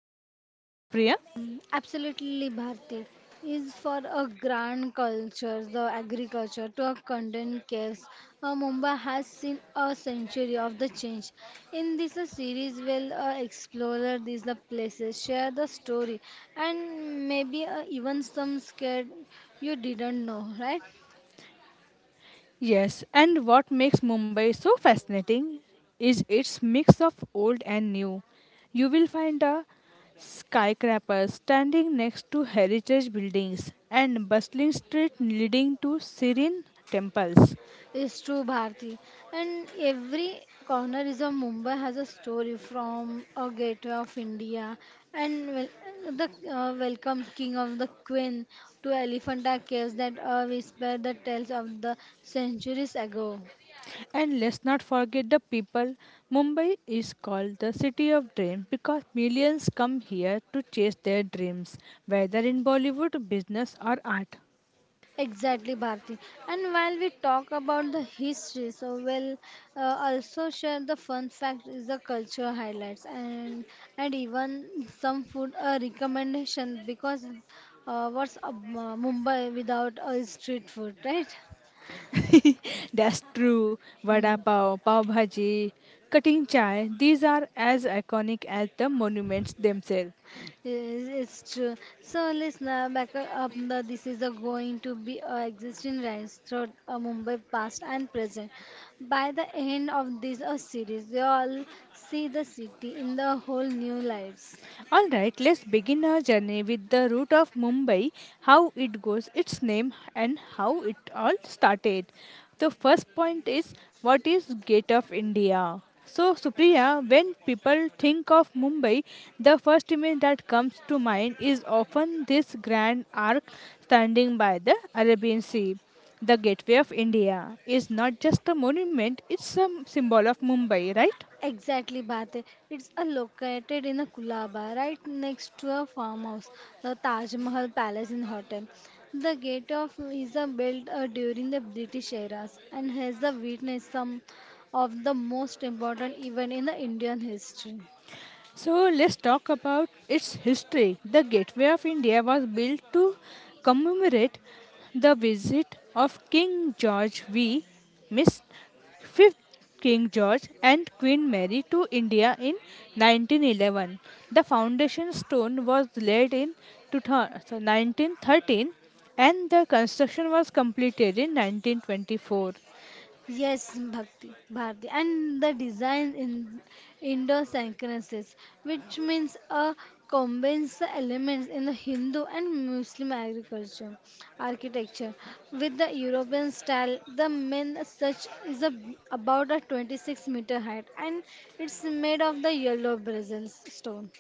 say, Supriya? Absolutely, Bharti is for a grand culture, the agriculture to a content caves. Mumbai has seen a century of the change. In this series, we'll explore the places, share the story, and maybe even some scared you didn't know, right? Yes, and what makes Mumbai so fascinating is its mix of old and new. You will find a skyscraper standing next to heritage buildings and bustling street leading to serene temples. It's true, Bharti. And every corner is of Mumbai has a story from a gateway of India and wel the welcome king of the queen to Elephanta Caves that whisper the tales of the centuries ago. And let's not forget the people. Mumbai is called the city of dreams because millions come here to chase their dreams, whether in Bollywood, business or art. Exactly, Bharti. And while we talk about the history, so we'll also share the fun fact is the culture highlights and even some food recommendation because what's Mumbai without a street food, right? That's true. Vada Mm. pav, pav bhaji, cutting chai, these are as iconic as the monuments themselves. Yes, it's true. So, listener, back up. The, this is a going to be a existing rise throughout a Mumbai past and present. By the end of this series, you all see the city in the whole new lights. All right, let's begin our journey with the root of Mumbai, how it goes, its name, and how it all started. The first point is, what is Gate of India? So, Supriya, when people think of Mumbai, the first image that comes to mind is often this grand arc standing by the Arabian Sea. The Gateway of India is not just a monument, it's a symbol of Mumbai, right? Exactly, Bate. It's a located in a Kulaba, right next to a farmhouse, the Taj Mahal Palace and Hotel. The gate of is a built during the British eras and has the witnessed some of the most important event in the Indian history. So let's talk about its history. The Gateway of India was built to commemorate the visit of King George V, Miss Fifth King George, and Queen Mary to India in 1911. The foundation stone was laid in 2000, so 1913, and the construction was completed in 1924. Yes, Bharti, and the design in Indo syncresis, which means combines the elements in the Hindu and Muslim agriculture architecture with the European style. The main such is a, about a 26-meter height, and it's made of the yellow brazil stone.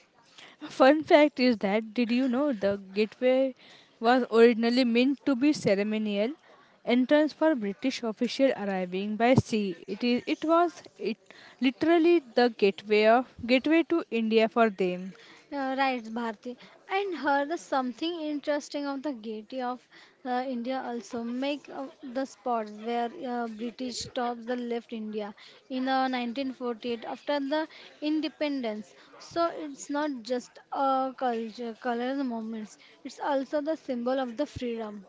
Fun fact is that, did you know the gateway was originally meant to be ceremonial entrance for British official arriving by sea. It is it was it literally the gateway of gateway to India for them. Right, Bharti. And heard something interesting of the gate of India also make the spots where British tops the left India in 1948 after the independence. So it's not just a culture, color moments. It's also the symbol of the freedom.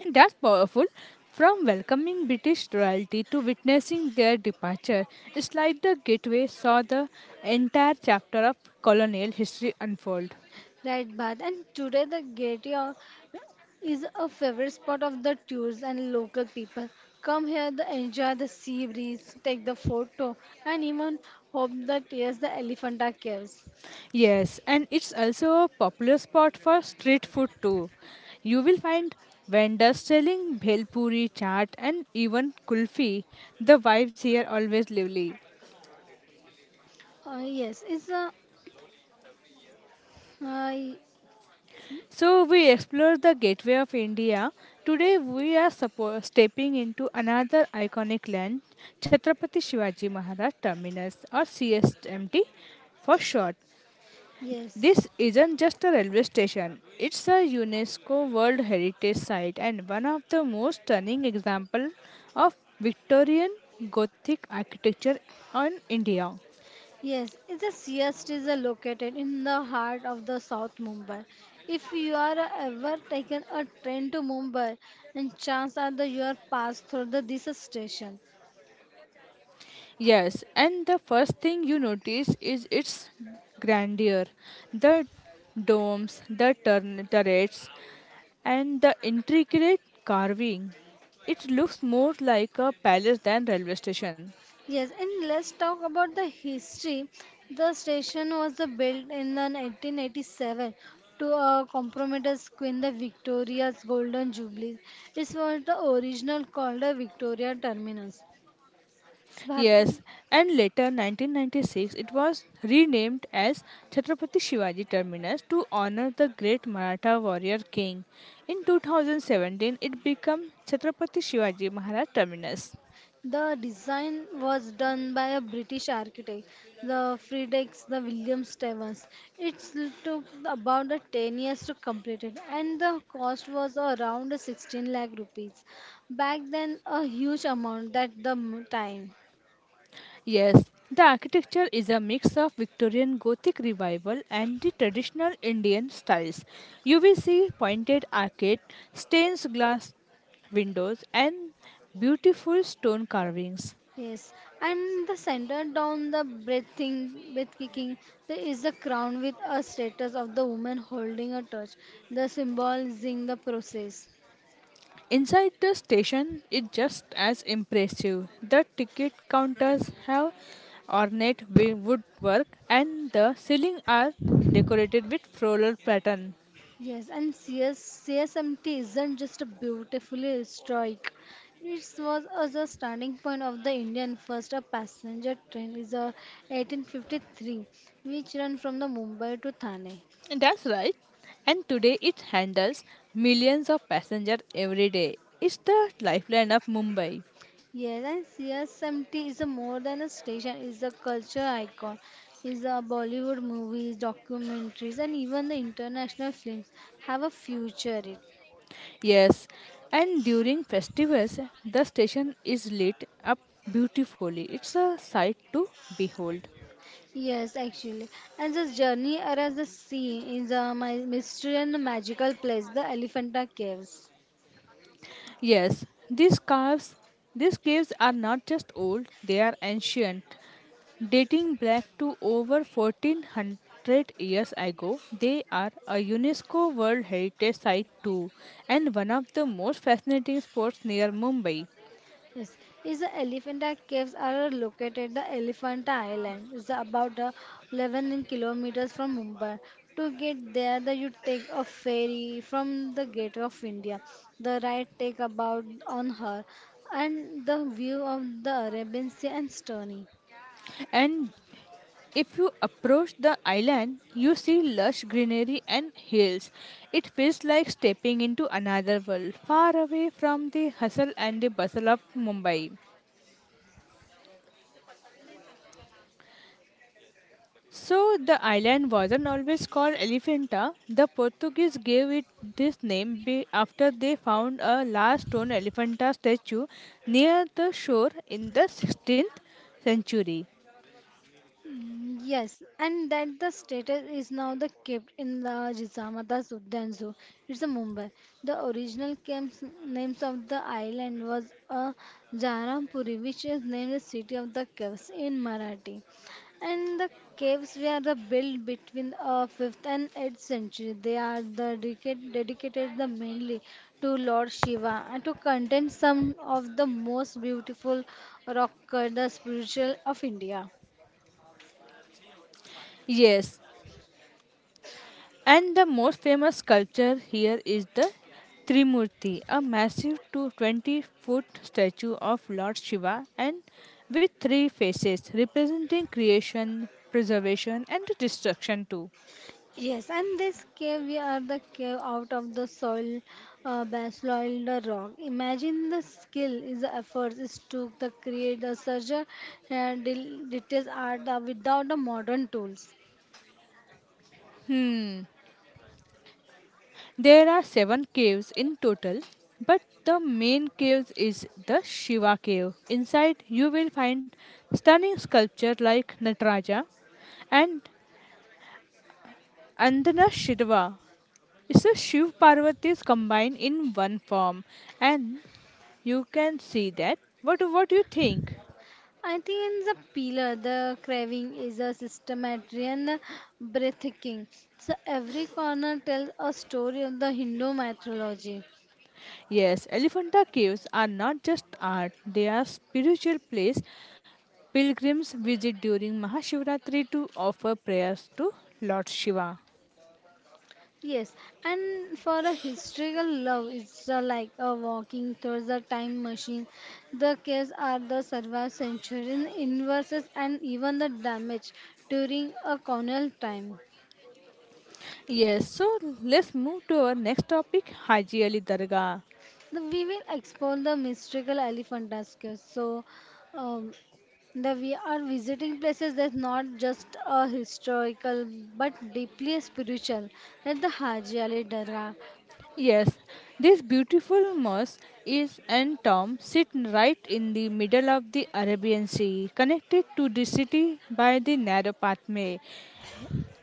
And that's powerful. From welcoming British royalty to witnessing their departure, it's like the gateway saw the entire chapter of colonial history unfold. Right, Bad. And today the Gaiety o- is a favorite spot of the tours and local people. Come here, the enjoy the sea breeze, take the photo, and even hope that yes, the Elephanta caves. Yes, and it's also a popular spot for street food too. You will find vendors selling bhelpuri, chaat, and even kulfi. The vibes here always lively. Uh, yes, it's a uh, So we explore the gateway of India. Today we are stepping into another iconic land, Chhatrapati Shivaji Maharaj Terminus or CSMT for short. yes, This isn't just a railway station. It's a UNESCO World Heritage Site and one of the most stunning examples of Victorian Gothic architecture in India. yes. It's a CST is located in the heart of the South Mumbai. If you are ever taken a train to Mumbai, and chance are that you are passed through the this station. Yes, and the first thing you notice is its grandeur. The domes, the turrets, and the intricate carving. It looks more like a palace than railway station. Yes, and let's talk about the history. The station was the built in the 1987 to compromise Queen the Victoria's Golden Jubilee. It was the original called the Victoria Terminus. Bharti. Yes, and later 1996 it was renamed as Chhatrapati Shivaji Terminus to honor the great Maratha warrior king. In 2017 it became Chhatrapati Shivaji Maharaj Terminus. The design was done by a British architect, the Friedrichs, the William Stevens. It took about the 10 years to complete it, and the cost was around 16 lakh rupees. Back then, a huge amount at the m- time. Yes, the architecture is a mix of Victorian Gothic revival and the traditional Indian styles. You will see pointed arcade, stained glass windows and beautiful stone carvings. Yes, and the center down the breathing, breath kicking, there is a crown with a status of the woman holding a torch, the symbolizing the process. Inside the station is just as impressive. The ticket counters have ornate woodwork and the ceiling are decorated with floral pattern. Yes, and CSMT isn't just a beautifully historic. It was as a starting point of the Indian first a passenger train is a 1853, which run from the Mumbai to Thane. That's right. And today it handles millions of passengers every day. It's the lifeline of Mumbai. Yes, and CSMT is a more than a station, is a culture icon, is a Bollywood movies, documentaries, and even the international films have a future. It. Yes, and during festivals the station is lit up beautifully. It's a sight to behold. Yes, actually. And this journey around the sea is a my mystery and magical place, the Elephanta Caves. Yes, these caves, these caves are not just old, they are ancient. Dating back to over 1400 years ago, they are a UNESCO World Heritage Site too and one of the most fascinating spots near Mumbai. Yes, is the Elephanta Caves are located the Elephanta Island. It's about 11 kilometers from Mumbai. To get there, the, you take a ferry from the Gate of India. The ride take about on her, and the view of the Arabian Sea and stunning. And if you approach the island, you see lush greenery and hills. It feels like stepping into another world, far away from the hustle and the bustle of Mumbai. So the island wasn't always called Elephanta. The Portuguese gave it this name after they found a large stone elephanta statue near the shore in the 16th century. Yes, and that the status is now the kept in the Jizamata Sultan Zoo. It's a Mumbai. The original camps, names of the island was a Jarampuri, which is named the city of the caves in Marathi. And the caves were the built between 5th and 8th century. They are the dedicated the mainly to Lord Shiva and to contain some of the most beautiful rock cut, the spiritual of India. Yes, and the most famous sculpture here is the Trimurti, a massive 20-foot statue of Lord Shiva and with three faces representing creation, preservation, and destruction too. Yes, and this cave, we are the cave out of the soil, basaloid the rock. Imagine the skill is the efforts it took to create the such a detailed art that without the modern tools. There are seven caves in total, but the main cave is the Shiva cave. Inside, you will find stunning sculpture like Nataraja and Andana Shiva. It's a Shiv Parvati's combined in one form, and you can see that. What do you think? I think in the pillar, the carving is a systematic and breathtaking. So every corner tells a story of the Hindu mythology. Yes, Elephanta caves are not just art; they are spiritual place. Pilgrims visit during Mahashivratri to offer prayers to Lord Shiva. Yes, and for a historical love, it's like a walking through the time machine. The case are the survived century inverses and even the damage during a colonial time. Yes, so let's move to our next topic, Haji Ali Dargah. The, we will explore the mystical elephant tuskers. So, um, the we are visiting places that's not just a historical but deeply spiritual, like the Haji Ali Dargah. Yes, this beautiful mosque is and tomb sit right in the middle of the Arabian Sea, connected to the city by the narrow pathway.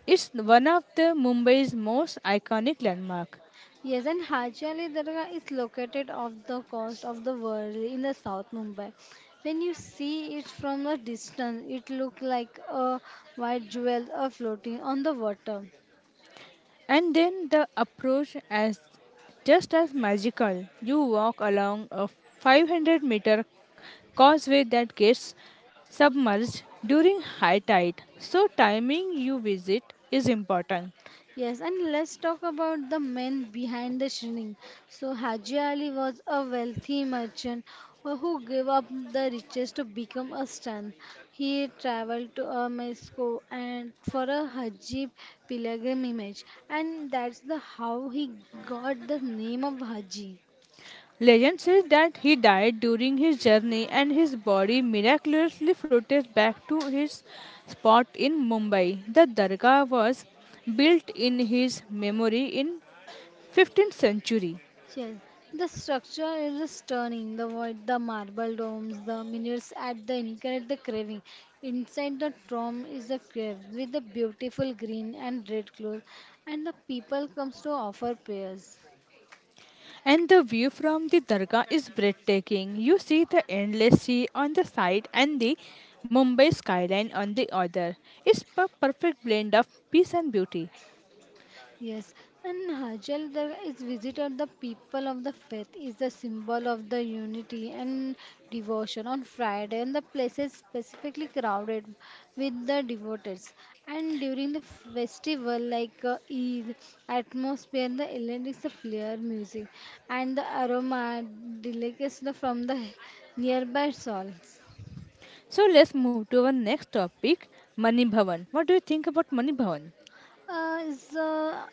It's one of the Mumbai's most iconic landmark. Yes, and Haji Ali Dargah is located off the coast of the world in the South Mumbai. When you see it from a distance, it looks like a white jewel floating on the water. And then the approach as just as magical. You walk along a 500-meter causeway that gets submerged during high tide. So timing you visit is important. Yes, and let's talk about the men behind the shrine. So, Haji Ali was a wealthy merchant who gave up the riches to become a saint. He traveled to Mexico and for a Haji pilgrimage, and that's the how he got the name of Haji. Legend says that he died during his journey and his body miraculously floated back to his spot in Mumbai. The Dargah was built in his memory in 15th century. Yes, the structure is stunning. The void, the marble domes, the minutes at the increase the craving. Inside the tomb is a grave with the beautiful green and red cloth, and the people comes to offer prayers. And the view from the Dargah is breathtaking. You see the endless sea on the side and the Mumbai skyline on the other. It's a perfect blend of peace and beauty. Yes, and Hajal there is visited the people of the faith is the symbol of the unity and devotion on Friday and the place is specifically crowded with the devotees and during the festival like Eid atmosphere the island is the clear music and the aroma delicacies from the nearby stalls. So let's move to our next topic, Mani Bhavan. What do you think about Mani Bhavan? Is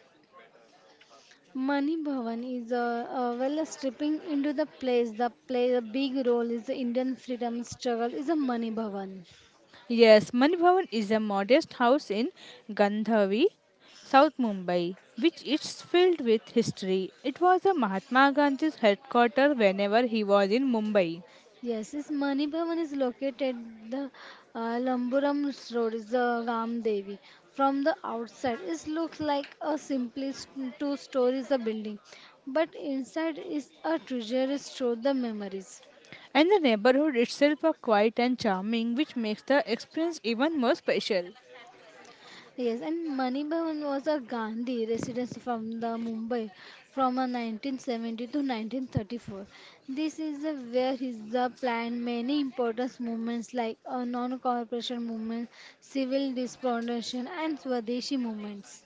Money Bhavan is a well stripping into the place the play a big role is the Indian freedom struggle is a Money Bhavan. Yes, Mani Bhavan is a modest house in Gandhavi, South Mumbai, which is filled with history. It was a Mahatma Gandhi's headquarters whenever he was in Mumbai. Yes, this Mani Bhavan is located the Lamburam Road is the Ram Devi. From the outside, it looks like a simply two stories a building, but inside is a treasure store the memories. And the neighborhood itself are quiet and charming, which makes the experience even more special. Yes, and Mani Bhavan was a Gandhi residence from the Mumbai from a 1970 to 1934. This is the, where is the planned many important movements like a non-cooperation movement, civil dispensation, and Swadeshi movements.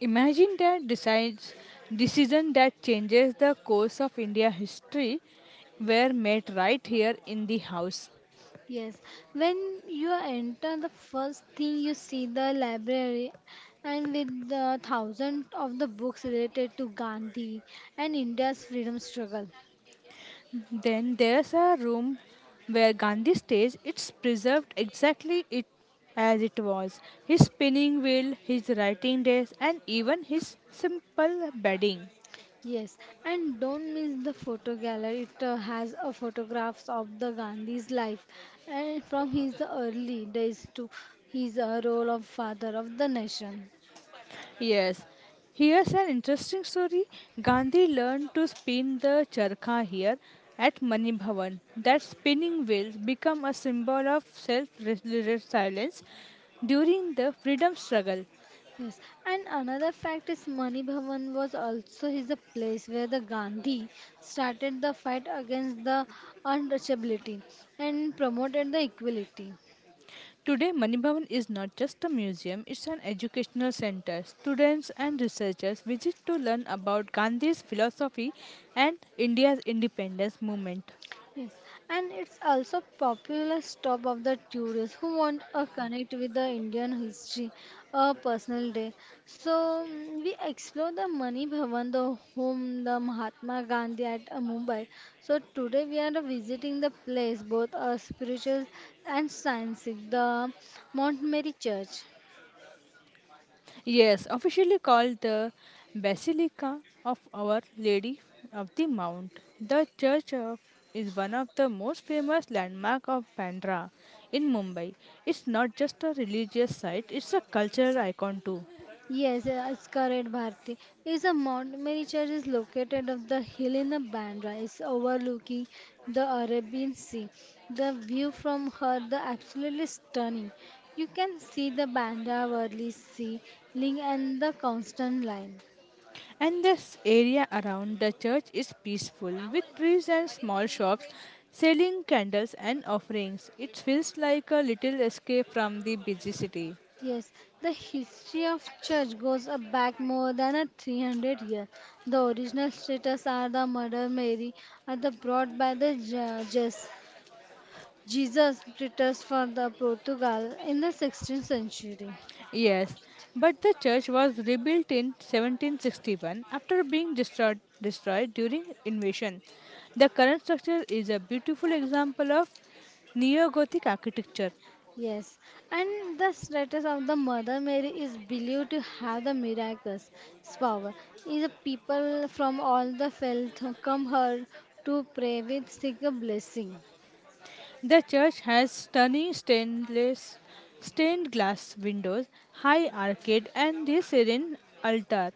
Imagine that decides decision that changes the course of India history were made right here in the house. Yes, when you enter, the first thing you see the library, and with the thousands of the books related to Gandhi and India's freedom struggle. Then there's a room where Gandhi stays. It's preserved exactly it as it was. His spinning wheel, his writing desk, and even his simple bedding. Yes, and don't miss the photo gallery. It has photographs of the Gandhi's life and from his early days to his role of father of the nation. Yes. Here's an interesting story. Gandhi learned to spin the charkha here at Mani Bhavan. That spinning wheels become a symbol of self-resilience during the freedom struggle. Yes, and another fact is Mani Bhavan was also his a place where the Gandhi started the fight against the untouchability and promoted the equality. Today, Mani Bhavan is not just a museum, it's an educational center. Students and researchers visit to learn about Gandhi's philosophy and India's independence movement. Yes, and it's also popular stop of the tourists who want a connect with the Indian history, a personal day. So we explore the Mani Bhavan, the home, the Mahatma Gandhi at Mumbai. So today we are visiting the place, both spiritual and scientific, the Mount Mary Church. Yes, officially called the Basilica of Our Lady of the Mount. The church of is one of the most famous landmark of Bandra in Mumbai. It's not just a religious site, it's a cultural icon too. Yes, it's correct, Bharti. It's a Mount Mary Church is located on the hill in the Bandra. It's overlooking the Arabian Sea. The view from her the absolutely stunning. You can see the Bandra Worli Sea, Ling and the Constant Line. And this area around the church is peaceful with trees and small shops selling candles and offerings. It feels like a little escape from the busy city. Yes, the history of church goes a back more than a 300 years. The original status are the Mother Mary are the brought by the Jesuits Jesus returns for the Portugal in the 16th century. Yes, but the church was rebuilt in 1761 after being destroyed during invasion. The current structure is a beautiful example of neo-Gothic architecture. Yes, and the status of the Mother Mary is believed to have the miraculous power. Is people from all the faith come her to pray with seek a blessing. The church has stunning stainless stained glass windows, high arcade and a serene altar.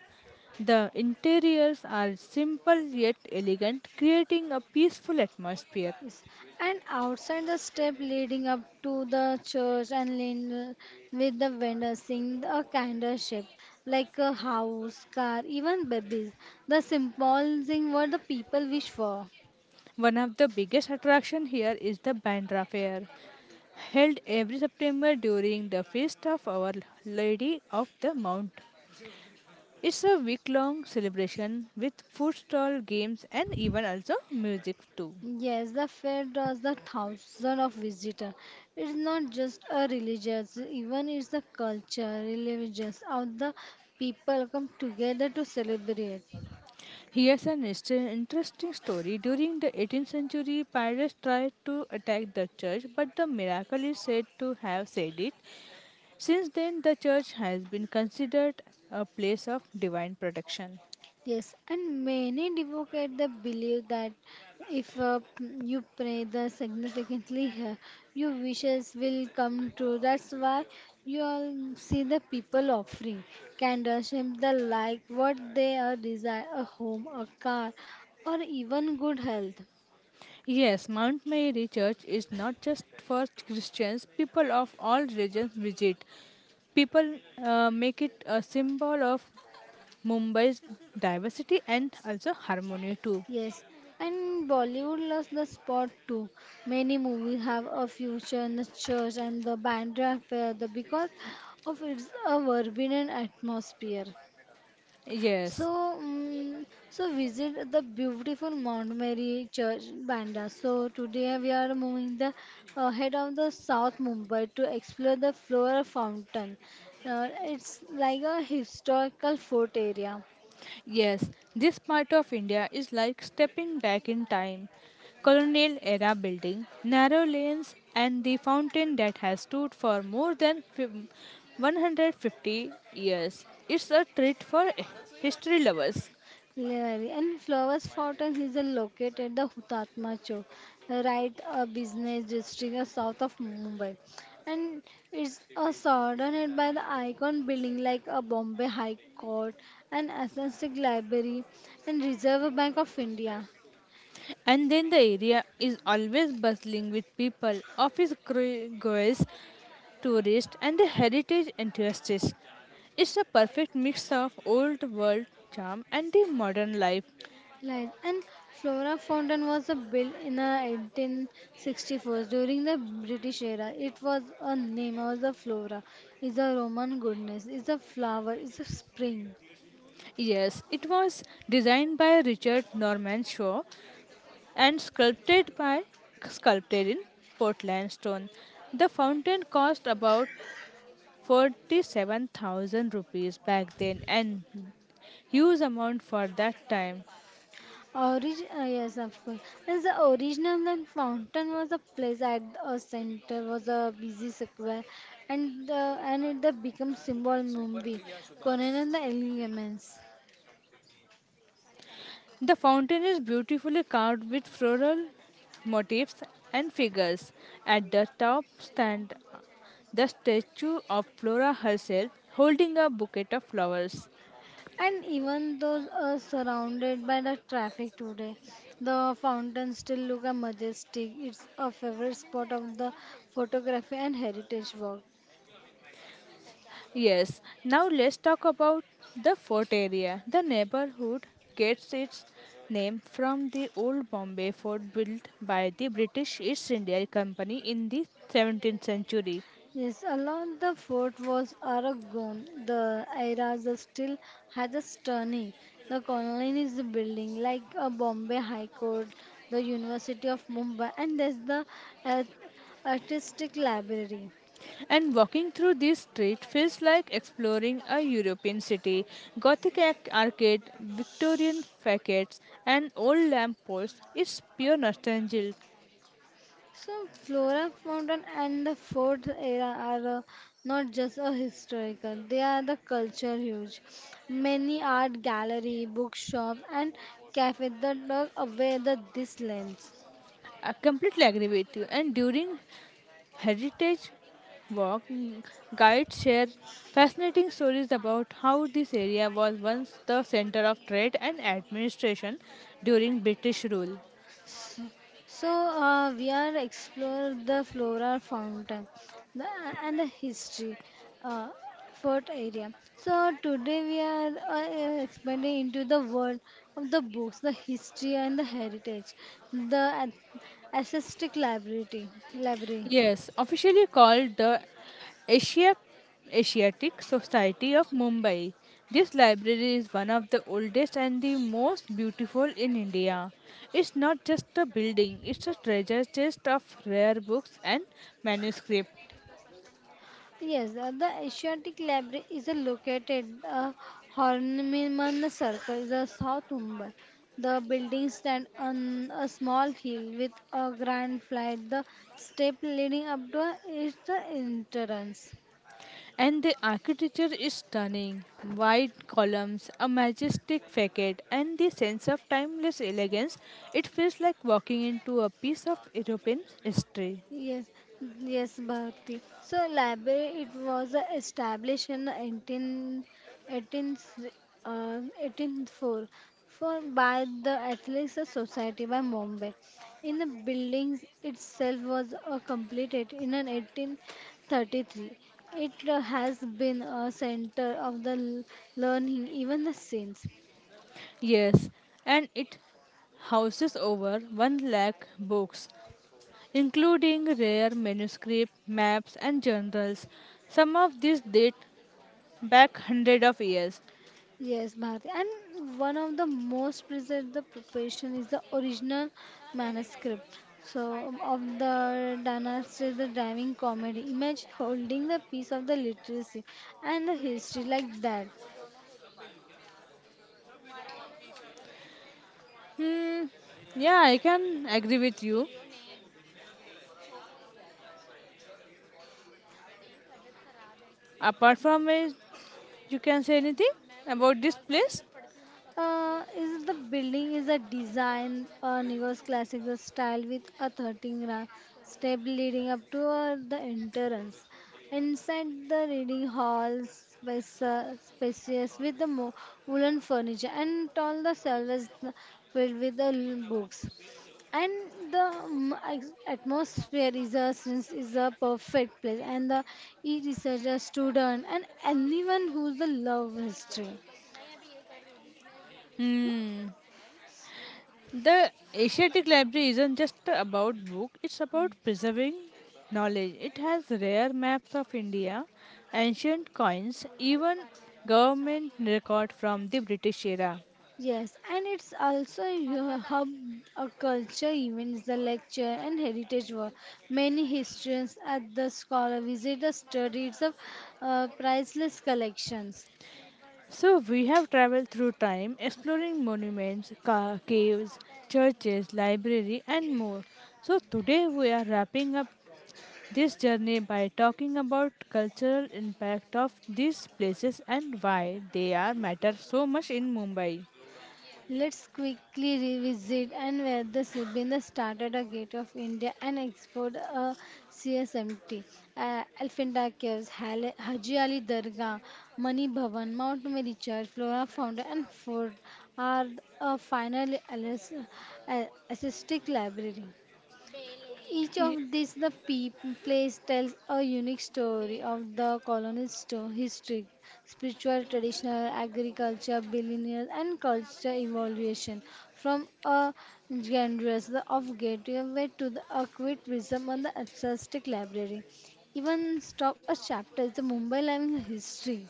The interiors are simple yet elegant, creating a peaceful atmosphere. Yes. And outside the step leading up to the church and lane with the vendors singing a kinder shape like a house, car, even babies. The symbolizing what the people wish for. One of the biggest attraction here is the Bandra Fair, held every September during the feast of Our Lady of the Mount. It's a week-long celebration with food stall games and even also music too. Yes, the fair draws the thousands of visitors. It's not just a religious, even it's the culture, religious, how the people come together to celebrate. Here's an interesting story. During the 18th century, pirates tried to attack the church, but the miracle is said to have said it. Since then, the church has been considered a place of divine protection. Yes, and many advocate the belief that if you pray the significantly, your wishes will come true. That's why you all see the people offering candles, and the like, what they are desire, a home, a car, or even good health. Yes, Mount Mary Church is not just for Christians, people of all religions visit. People make it a symbol of Mumbai's diversity and also harmony too. Yes, and Bollywood loves the spot too. Many movies have a future in the church and the bandra fair the because of its a vibrant atmosphere. So, Yes, so visit the beautiful Mount Mary Church, Banda. So today we are moving the head of the South Mumbai to explore the Flora Fountain. It's like a historical fort area. yes, this part of India is like stepping back in time. Colonial era building, narrow lanes, and the fountain that has stood for more than 150 years. It's a treat for history lovers. Levari. And Flowers Fountain is located the Hutatma Chowk, right a business district south of Mumbai. And it's surrounded by the icon building like a Bombay High Court and Atlantic Library and Reserve Bank of India. And then the area is always bustling with people, office girls, tourists, and the heritage enthusiasts. It's a perfect mix of old world charm and the modern life. Lies. And Flora Fountain was built in 1864 during the British era. It was a name of the flora. Is a Roman goddess. Is a flower. Is a spring. Yes, it was designed by Richard Norman Shaw and sculpted in Portland stone. The fountain cost about 47,000 rupees back then and huge amount for that time. Yes, of course. As the original and fountain was a place at a center was a busy square, and, the, and it the become symbol Mumbai, Conan and the elements. The fountain is beautifully carved with floral motifs and figures. At the top stand the statue of Flora herself holding a bouquet of flowers. And even though surrounded by the traffic today, the fountain still look a majestic. It's a favorite spot of the photography and heritage work. Yes, now let's talk about the fort area. The neighborhood gets its name from the old Bombay fort built by the British East India Company in the 17th century. Yes, along the fort was Aragon, the era the still has a stunning. The colony is the building like a Bombay High Court, the University of Mumbai, and there's the uh, artistic library. And walking through this street feels like exploring a European city. Gothic arcade, Victorian facades, and old lamp posts is pure nostalgia. So flora, fountain, and the fort era are not just a historical; they are the culture huge. Many art gallery, bookshop, and cafe that look away the these lands. I completely agree with you. And during heritage walk, guides share fascinating stories about how this area was once the center of trade and administration during British rule. So we are explore the flora fountain the, and the history uh, fort area. So today we are expanding into the world of the books, the history and the heritage, the ac- access library, library. Yes, officially called the Asia Asiatic Society of Mumbai. This library is one of the oldest and the most beautiful in India. It's not just a building, it's a treasure chest of rare books and manuscripts. Yes, the Asiatic Library is a located Horniman Circle, is a South Mumbai. The building stand on a small hill with a grand flight. The step leading up to it is the entrance. And the architecture is stunning. Wide columns, a majestic facade, and the sense of timeless elegance. It feels like walking into a piece of European history. Yes, yes, Bharti. So library it was established in 1818, 1804 for by the Athletes Society by Bombay. In the buildings itself was completed in an 1833. It has been a center of learning even the since. Yes, and it houses over 1 lakh books, including rare manuscripts, maps, and journals. Some of these date back hundred of years. Yes, Bharti. And one of the most preserved the profession is the original manuscript. So of the dynasty, the driving comedy. Imagine holding the piece of the literacy and the history like that. Hmm. Yeah, I can agree with you. Apart from it, you can say anything about this place? Is the building is a design Nego's classical style with a 13 step leading up to the entrance. Inside the reading hall, space, spacious with the woolen furniture and all the shelves filled with the books. And the atmosphere is a since is a perfect place. And the e-researcher, student, and anyone who's the love history. Hmm. The Asiatic Library isn't just about book, it's about preserving knowledge. It has rare maps of India, ancient coins, even government record from the British era. Yes, and it's also a hub of culture events, the lecture and heritage work. Many historians at the scholar visit the studies of priceless collections. So we have traveled through time exploring monuments, caves, churches, library and more. So today we are wrapping up this journey by talking about cultural impact of these places and why they are matter so much in Mumbai. Let's quickly revisit and where the Sibinda started a gate of India and explored a CSMT, Elephanta Caves, Haji Ali Dargah, Mani Bhavan, Mount Mary Church, Flora Fountain, and Fort are a final assistic library. Each Ye- of these the place tells a unique story of the colony's history, spiritual, traditional, agriculture, billionaire, and culture evolution from a generous of gateway to the acute wisdom on the artistic library. Even stop a chapter is the Mumbai living history.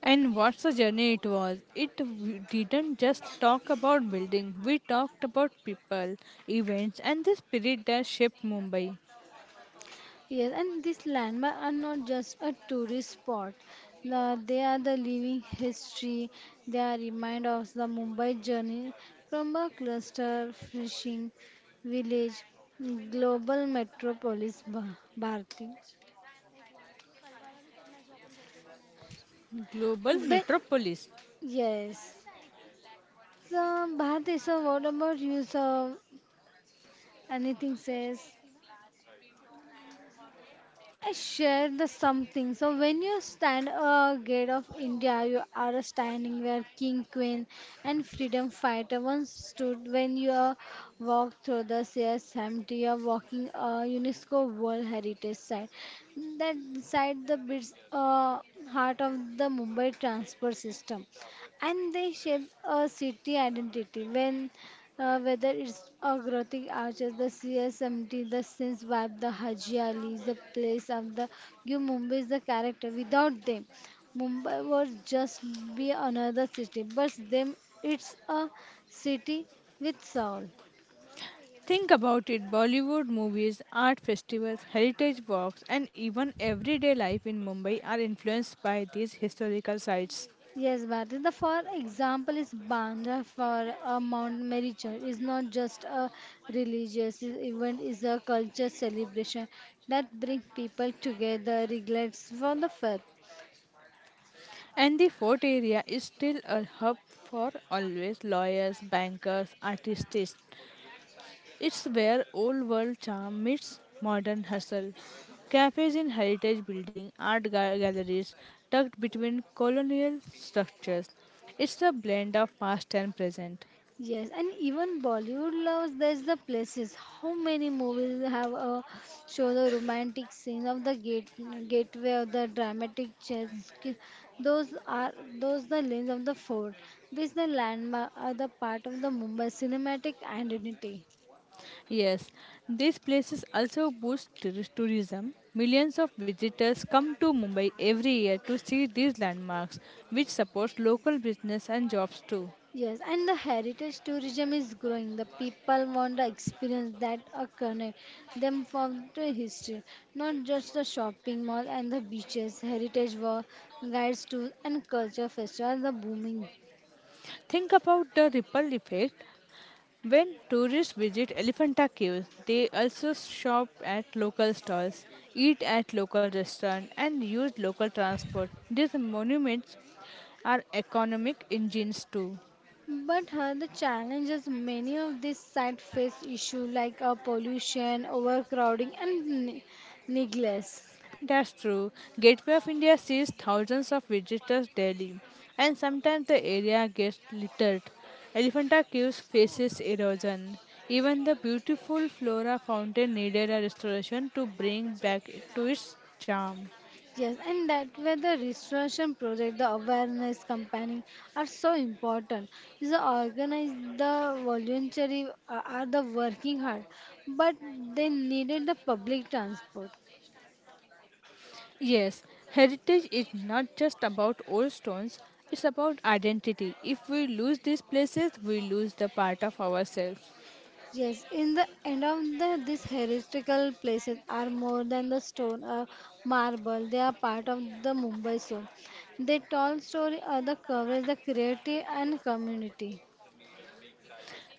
And what's the journey it was? It didn't just talk about building. We talked about people, events, and the spirit that shaped Mumbai, Yes, and these landmarks are not just a tourist spot. The, they are the living history. They are remind of the Mumbai journey from a cluster fishing village, global metropolis Bharati. global When, metropolis. yes. So, Bharti, so what about you? So, anything says? I share the something. So when you stand a gate of India, you are standing where king, queen, and freedom fighter once stood. When you walk through the stairs, empty, you are walking a UNESCO World Heritage Site. That site the bits, heart of the Mumbai transport system and they shape a city identity when whether it's Agrotic Arches, the CSMT, the Sins Vibe, the Haji Ali, the place of the you Mumbai is the character. Without them, Mumbai would just be another city. But them, it's a city with soul. Think about it: Bollywood movies, art festivals, heritage walks, and even everyday life in Mumbai are influenced by these historical sites. Yes, Bharti. The for example is Bandra for a Mount Mary Church is not just a religious event; is a culture celebration that brings people together, regardless for the faith. And the fort area is still a hub for always lawyers, bankers, artists. It's where old world charm meets modern hustle. Cafes in heritage building, art galleries tucked between colonial structures. It's a blend of past and present. Yes, and even Bollywood loves there's the places. How many movies have a show the romantic scene of the gateway of the dramatic chess? Those are those the lanes of the fort. This the landmark, are the part of the Mumbai cinematic identity. Yes, these places also boost tourism. Millions of visitors come to Mumbai every year to see these landmarks, which supports local business and jobs too. Yes, and the heritage tourism is growing. The people want the experience that are connect them from the history, not just the shopping mall and the beaches. Heritage walk, guides tours, and culture festivals are booming. Think about the ripple effect. When tourists visit Elephanta Cave, they also shop at local stalls, eat at local restaurants, and use local transport. These monuments are economic engines too. But the challenges many of these sites face issue like pollution, overcrowding, and neglect. That's true. Gateway of India sees thousands of visitors daily, and sometimes the area gets littered. Elephanta Caves faces erosion. Even the beautiful flora fountain needed a restoration to bring back to its charm. Yes, and that where the restoration project, the awareness campaigning are so important. Is the organize the voluntary are the working hard, but they needed the public transport. Yes, heritage is not just about old stones, it's about identity. If we lose these places, we lose the part of ourselves. Yes, in the end of the these historical places are more than the stone or marble. They are part of the Mumbai soul. They tall story, are the coverage, the creativity and community.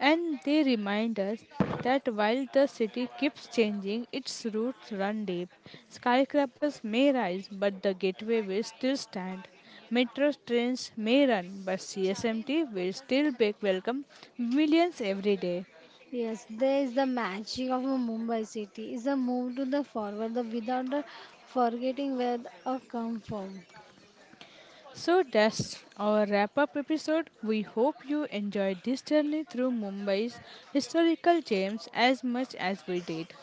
And they remind us that while the city keeps changing, its roots run deep. Skyscrapers may rise, but the gateway will still stand. Metro trains may run, but CSMT will still be welcome millions every day. Yes, there is the magic of a Mumbai city. It's a move to the forward the without the forgetting where come from. So that's our wrap up episode. We hope you enjoyed this journey through Mumbai's historical gems as much as we did.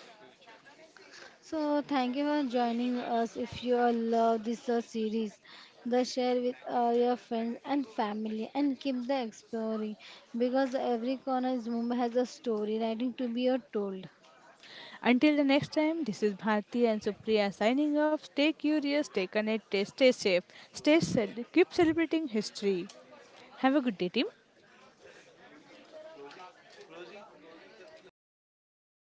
So thank you for joining us. If you all love this series, the share with your friends and family and keep the exploring because every corner is Mumbai has a story waiting to be told. Until the next time, this is Bharti and Supriya signing off. Stay curious, stay connected, stay safe, keep celebrating history. Have a good day, team.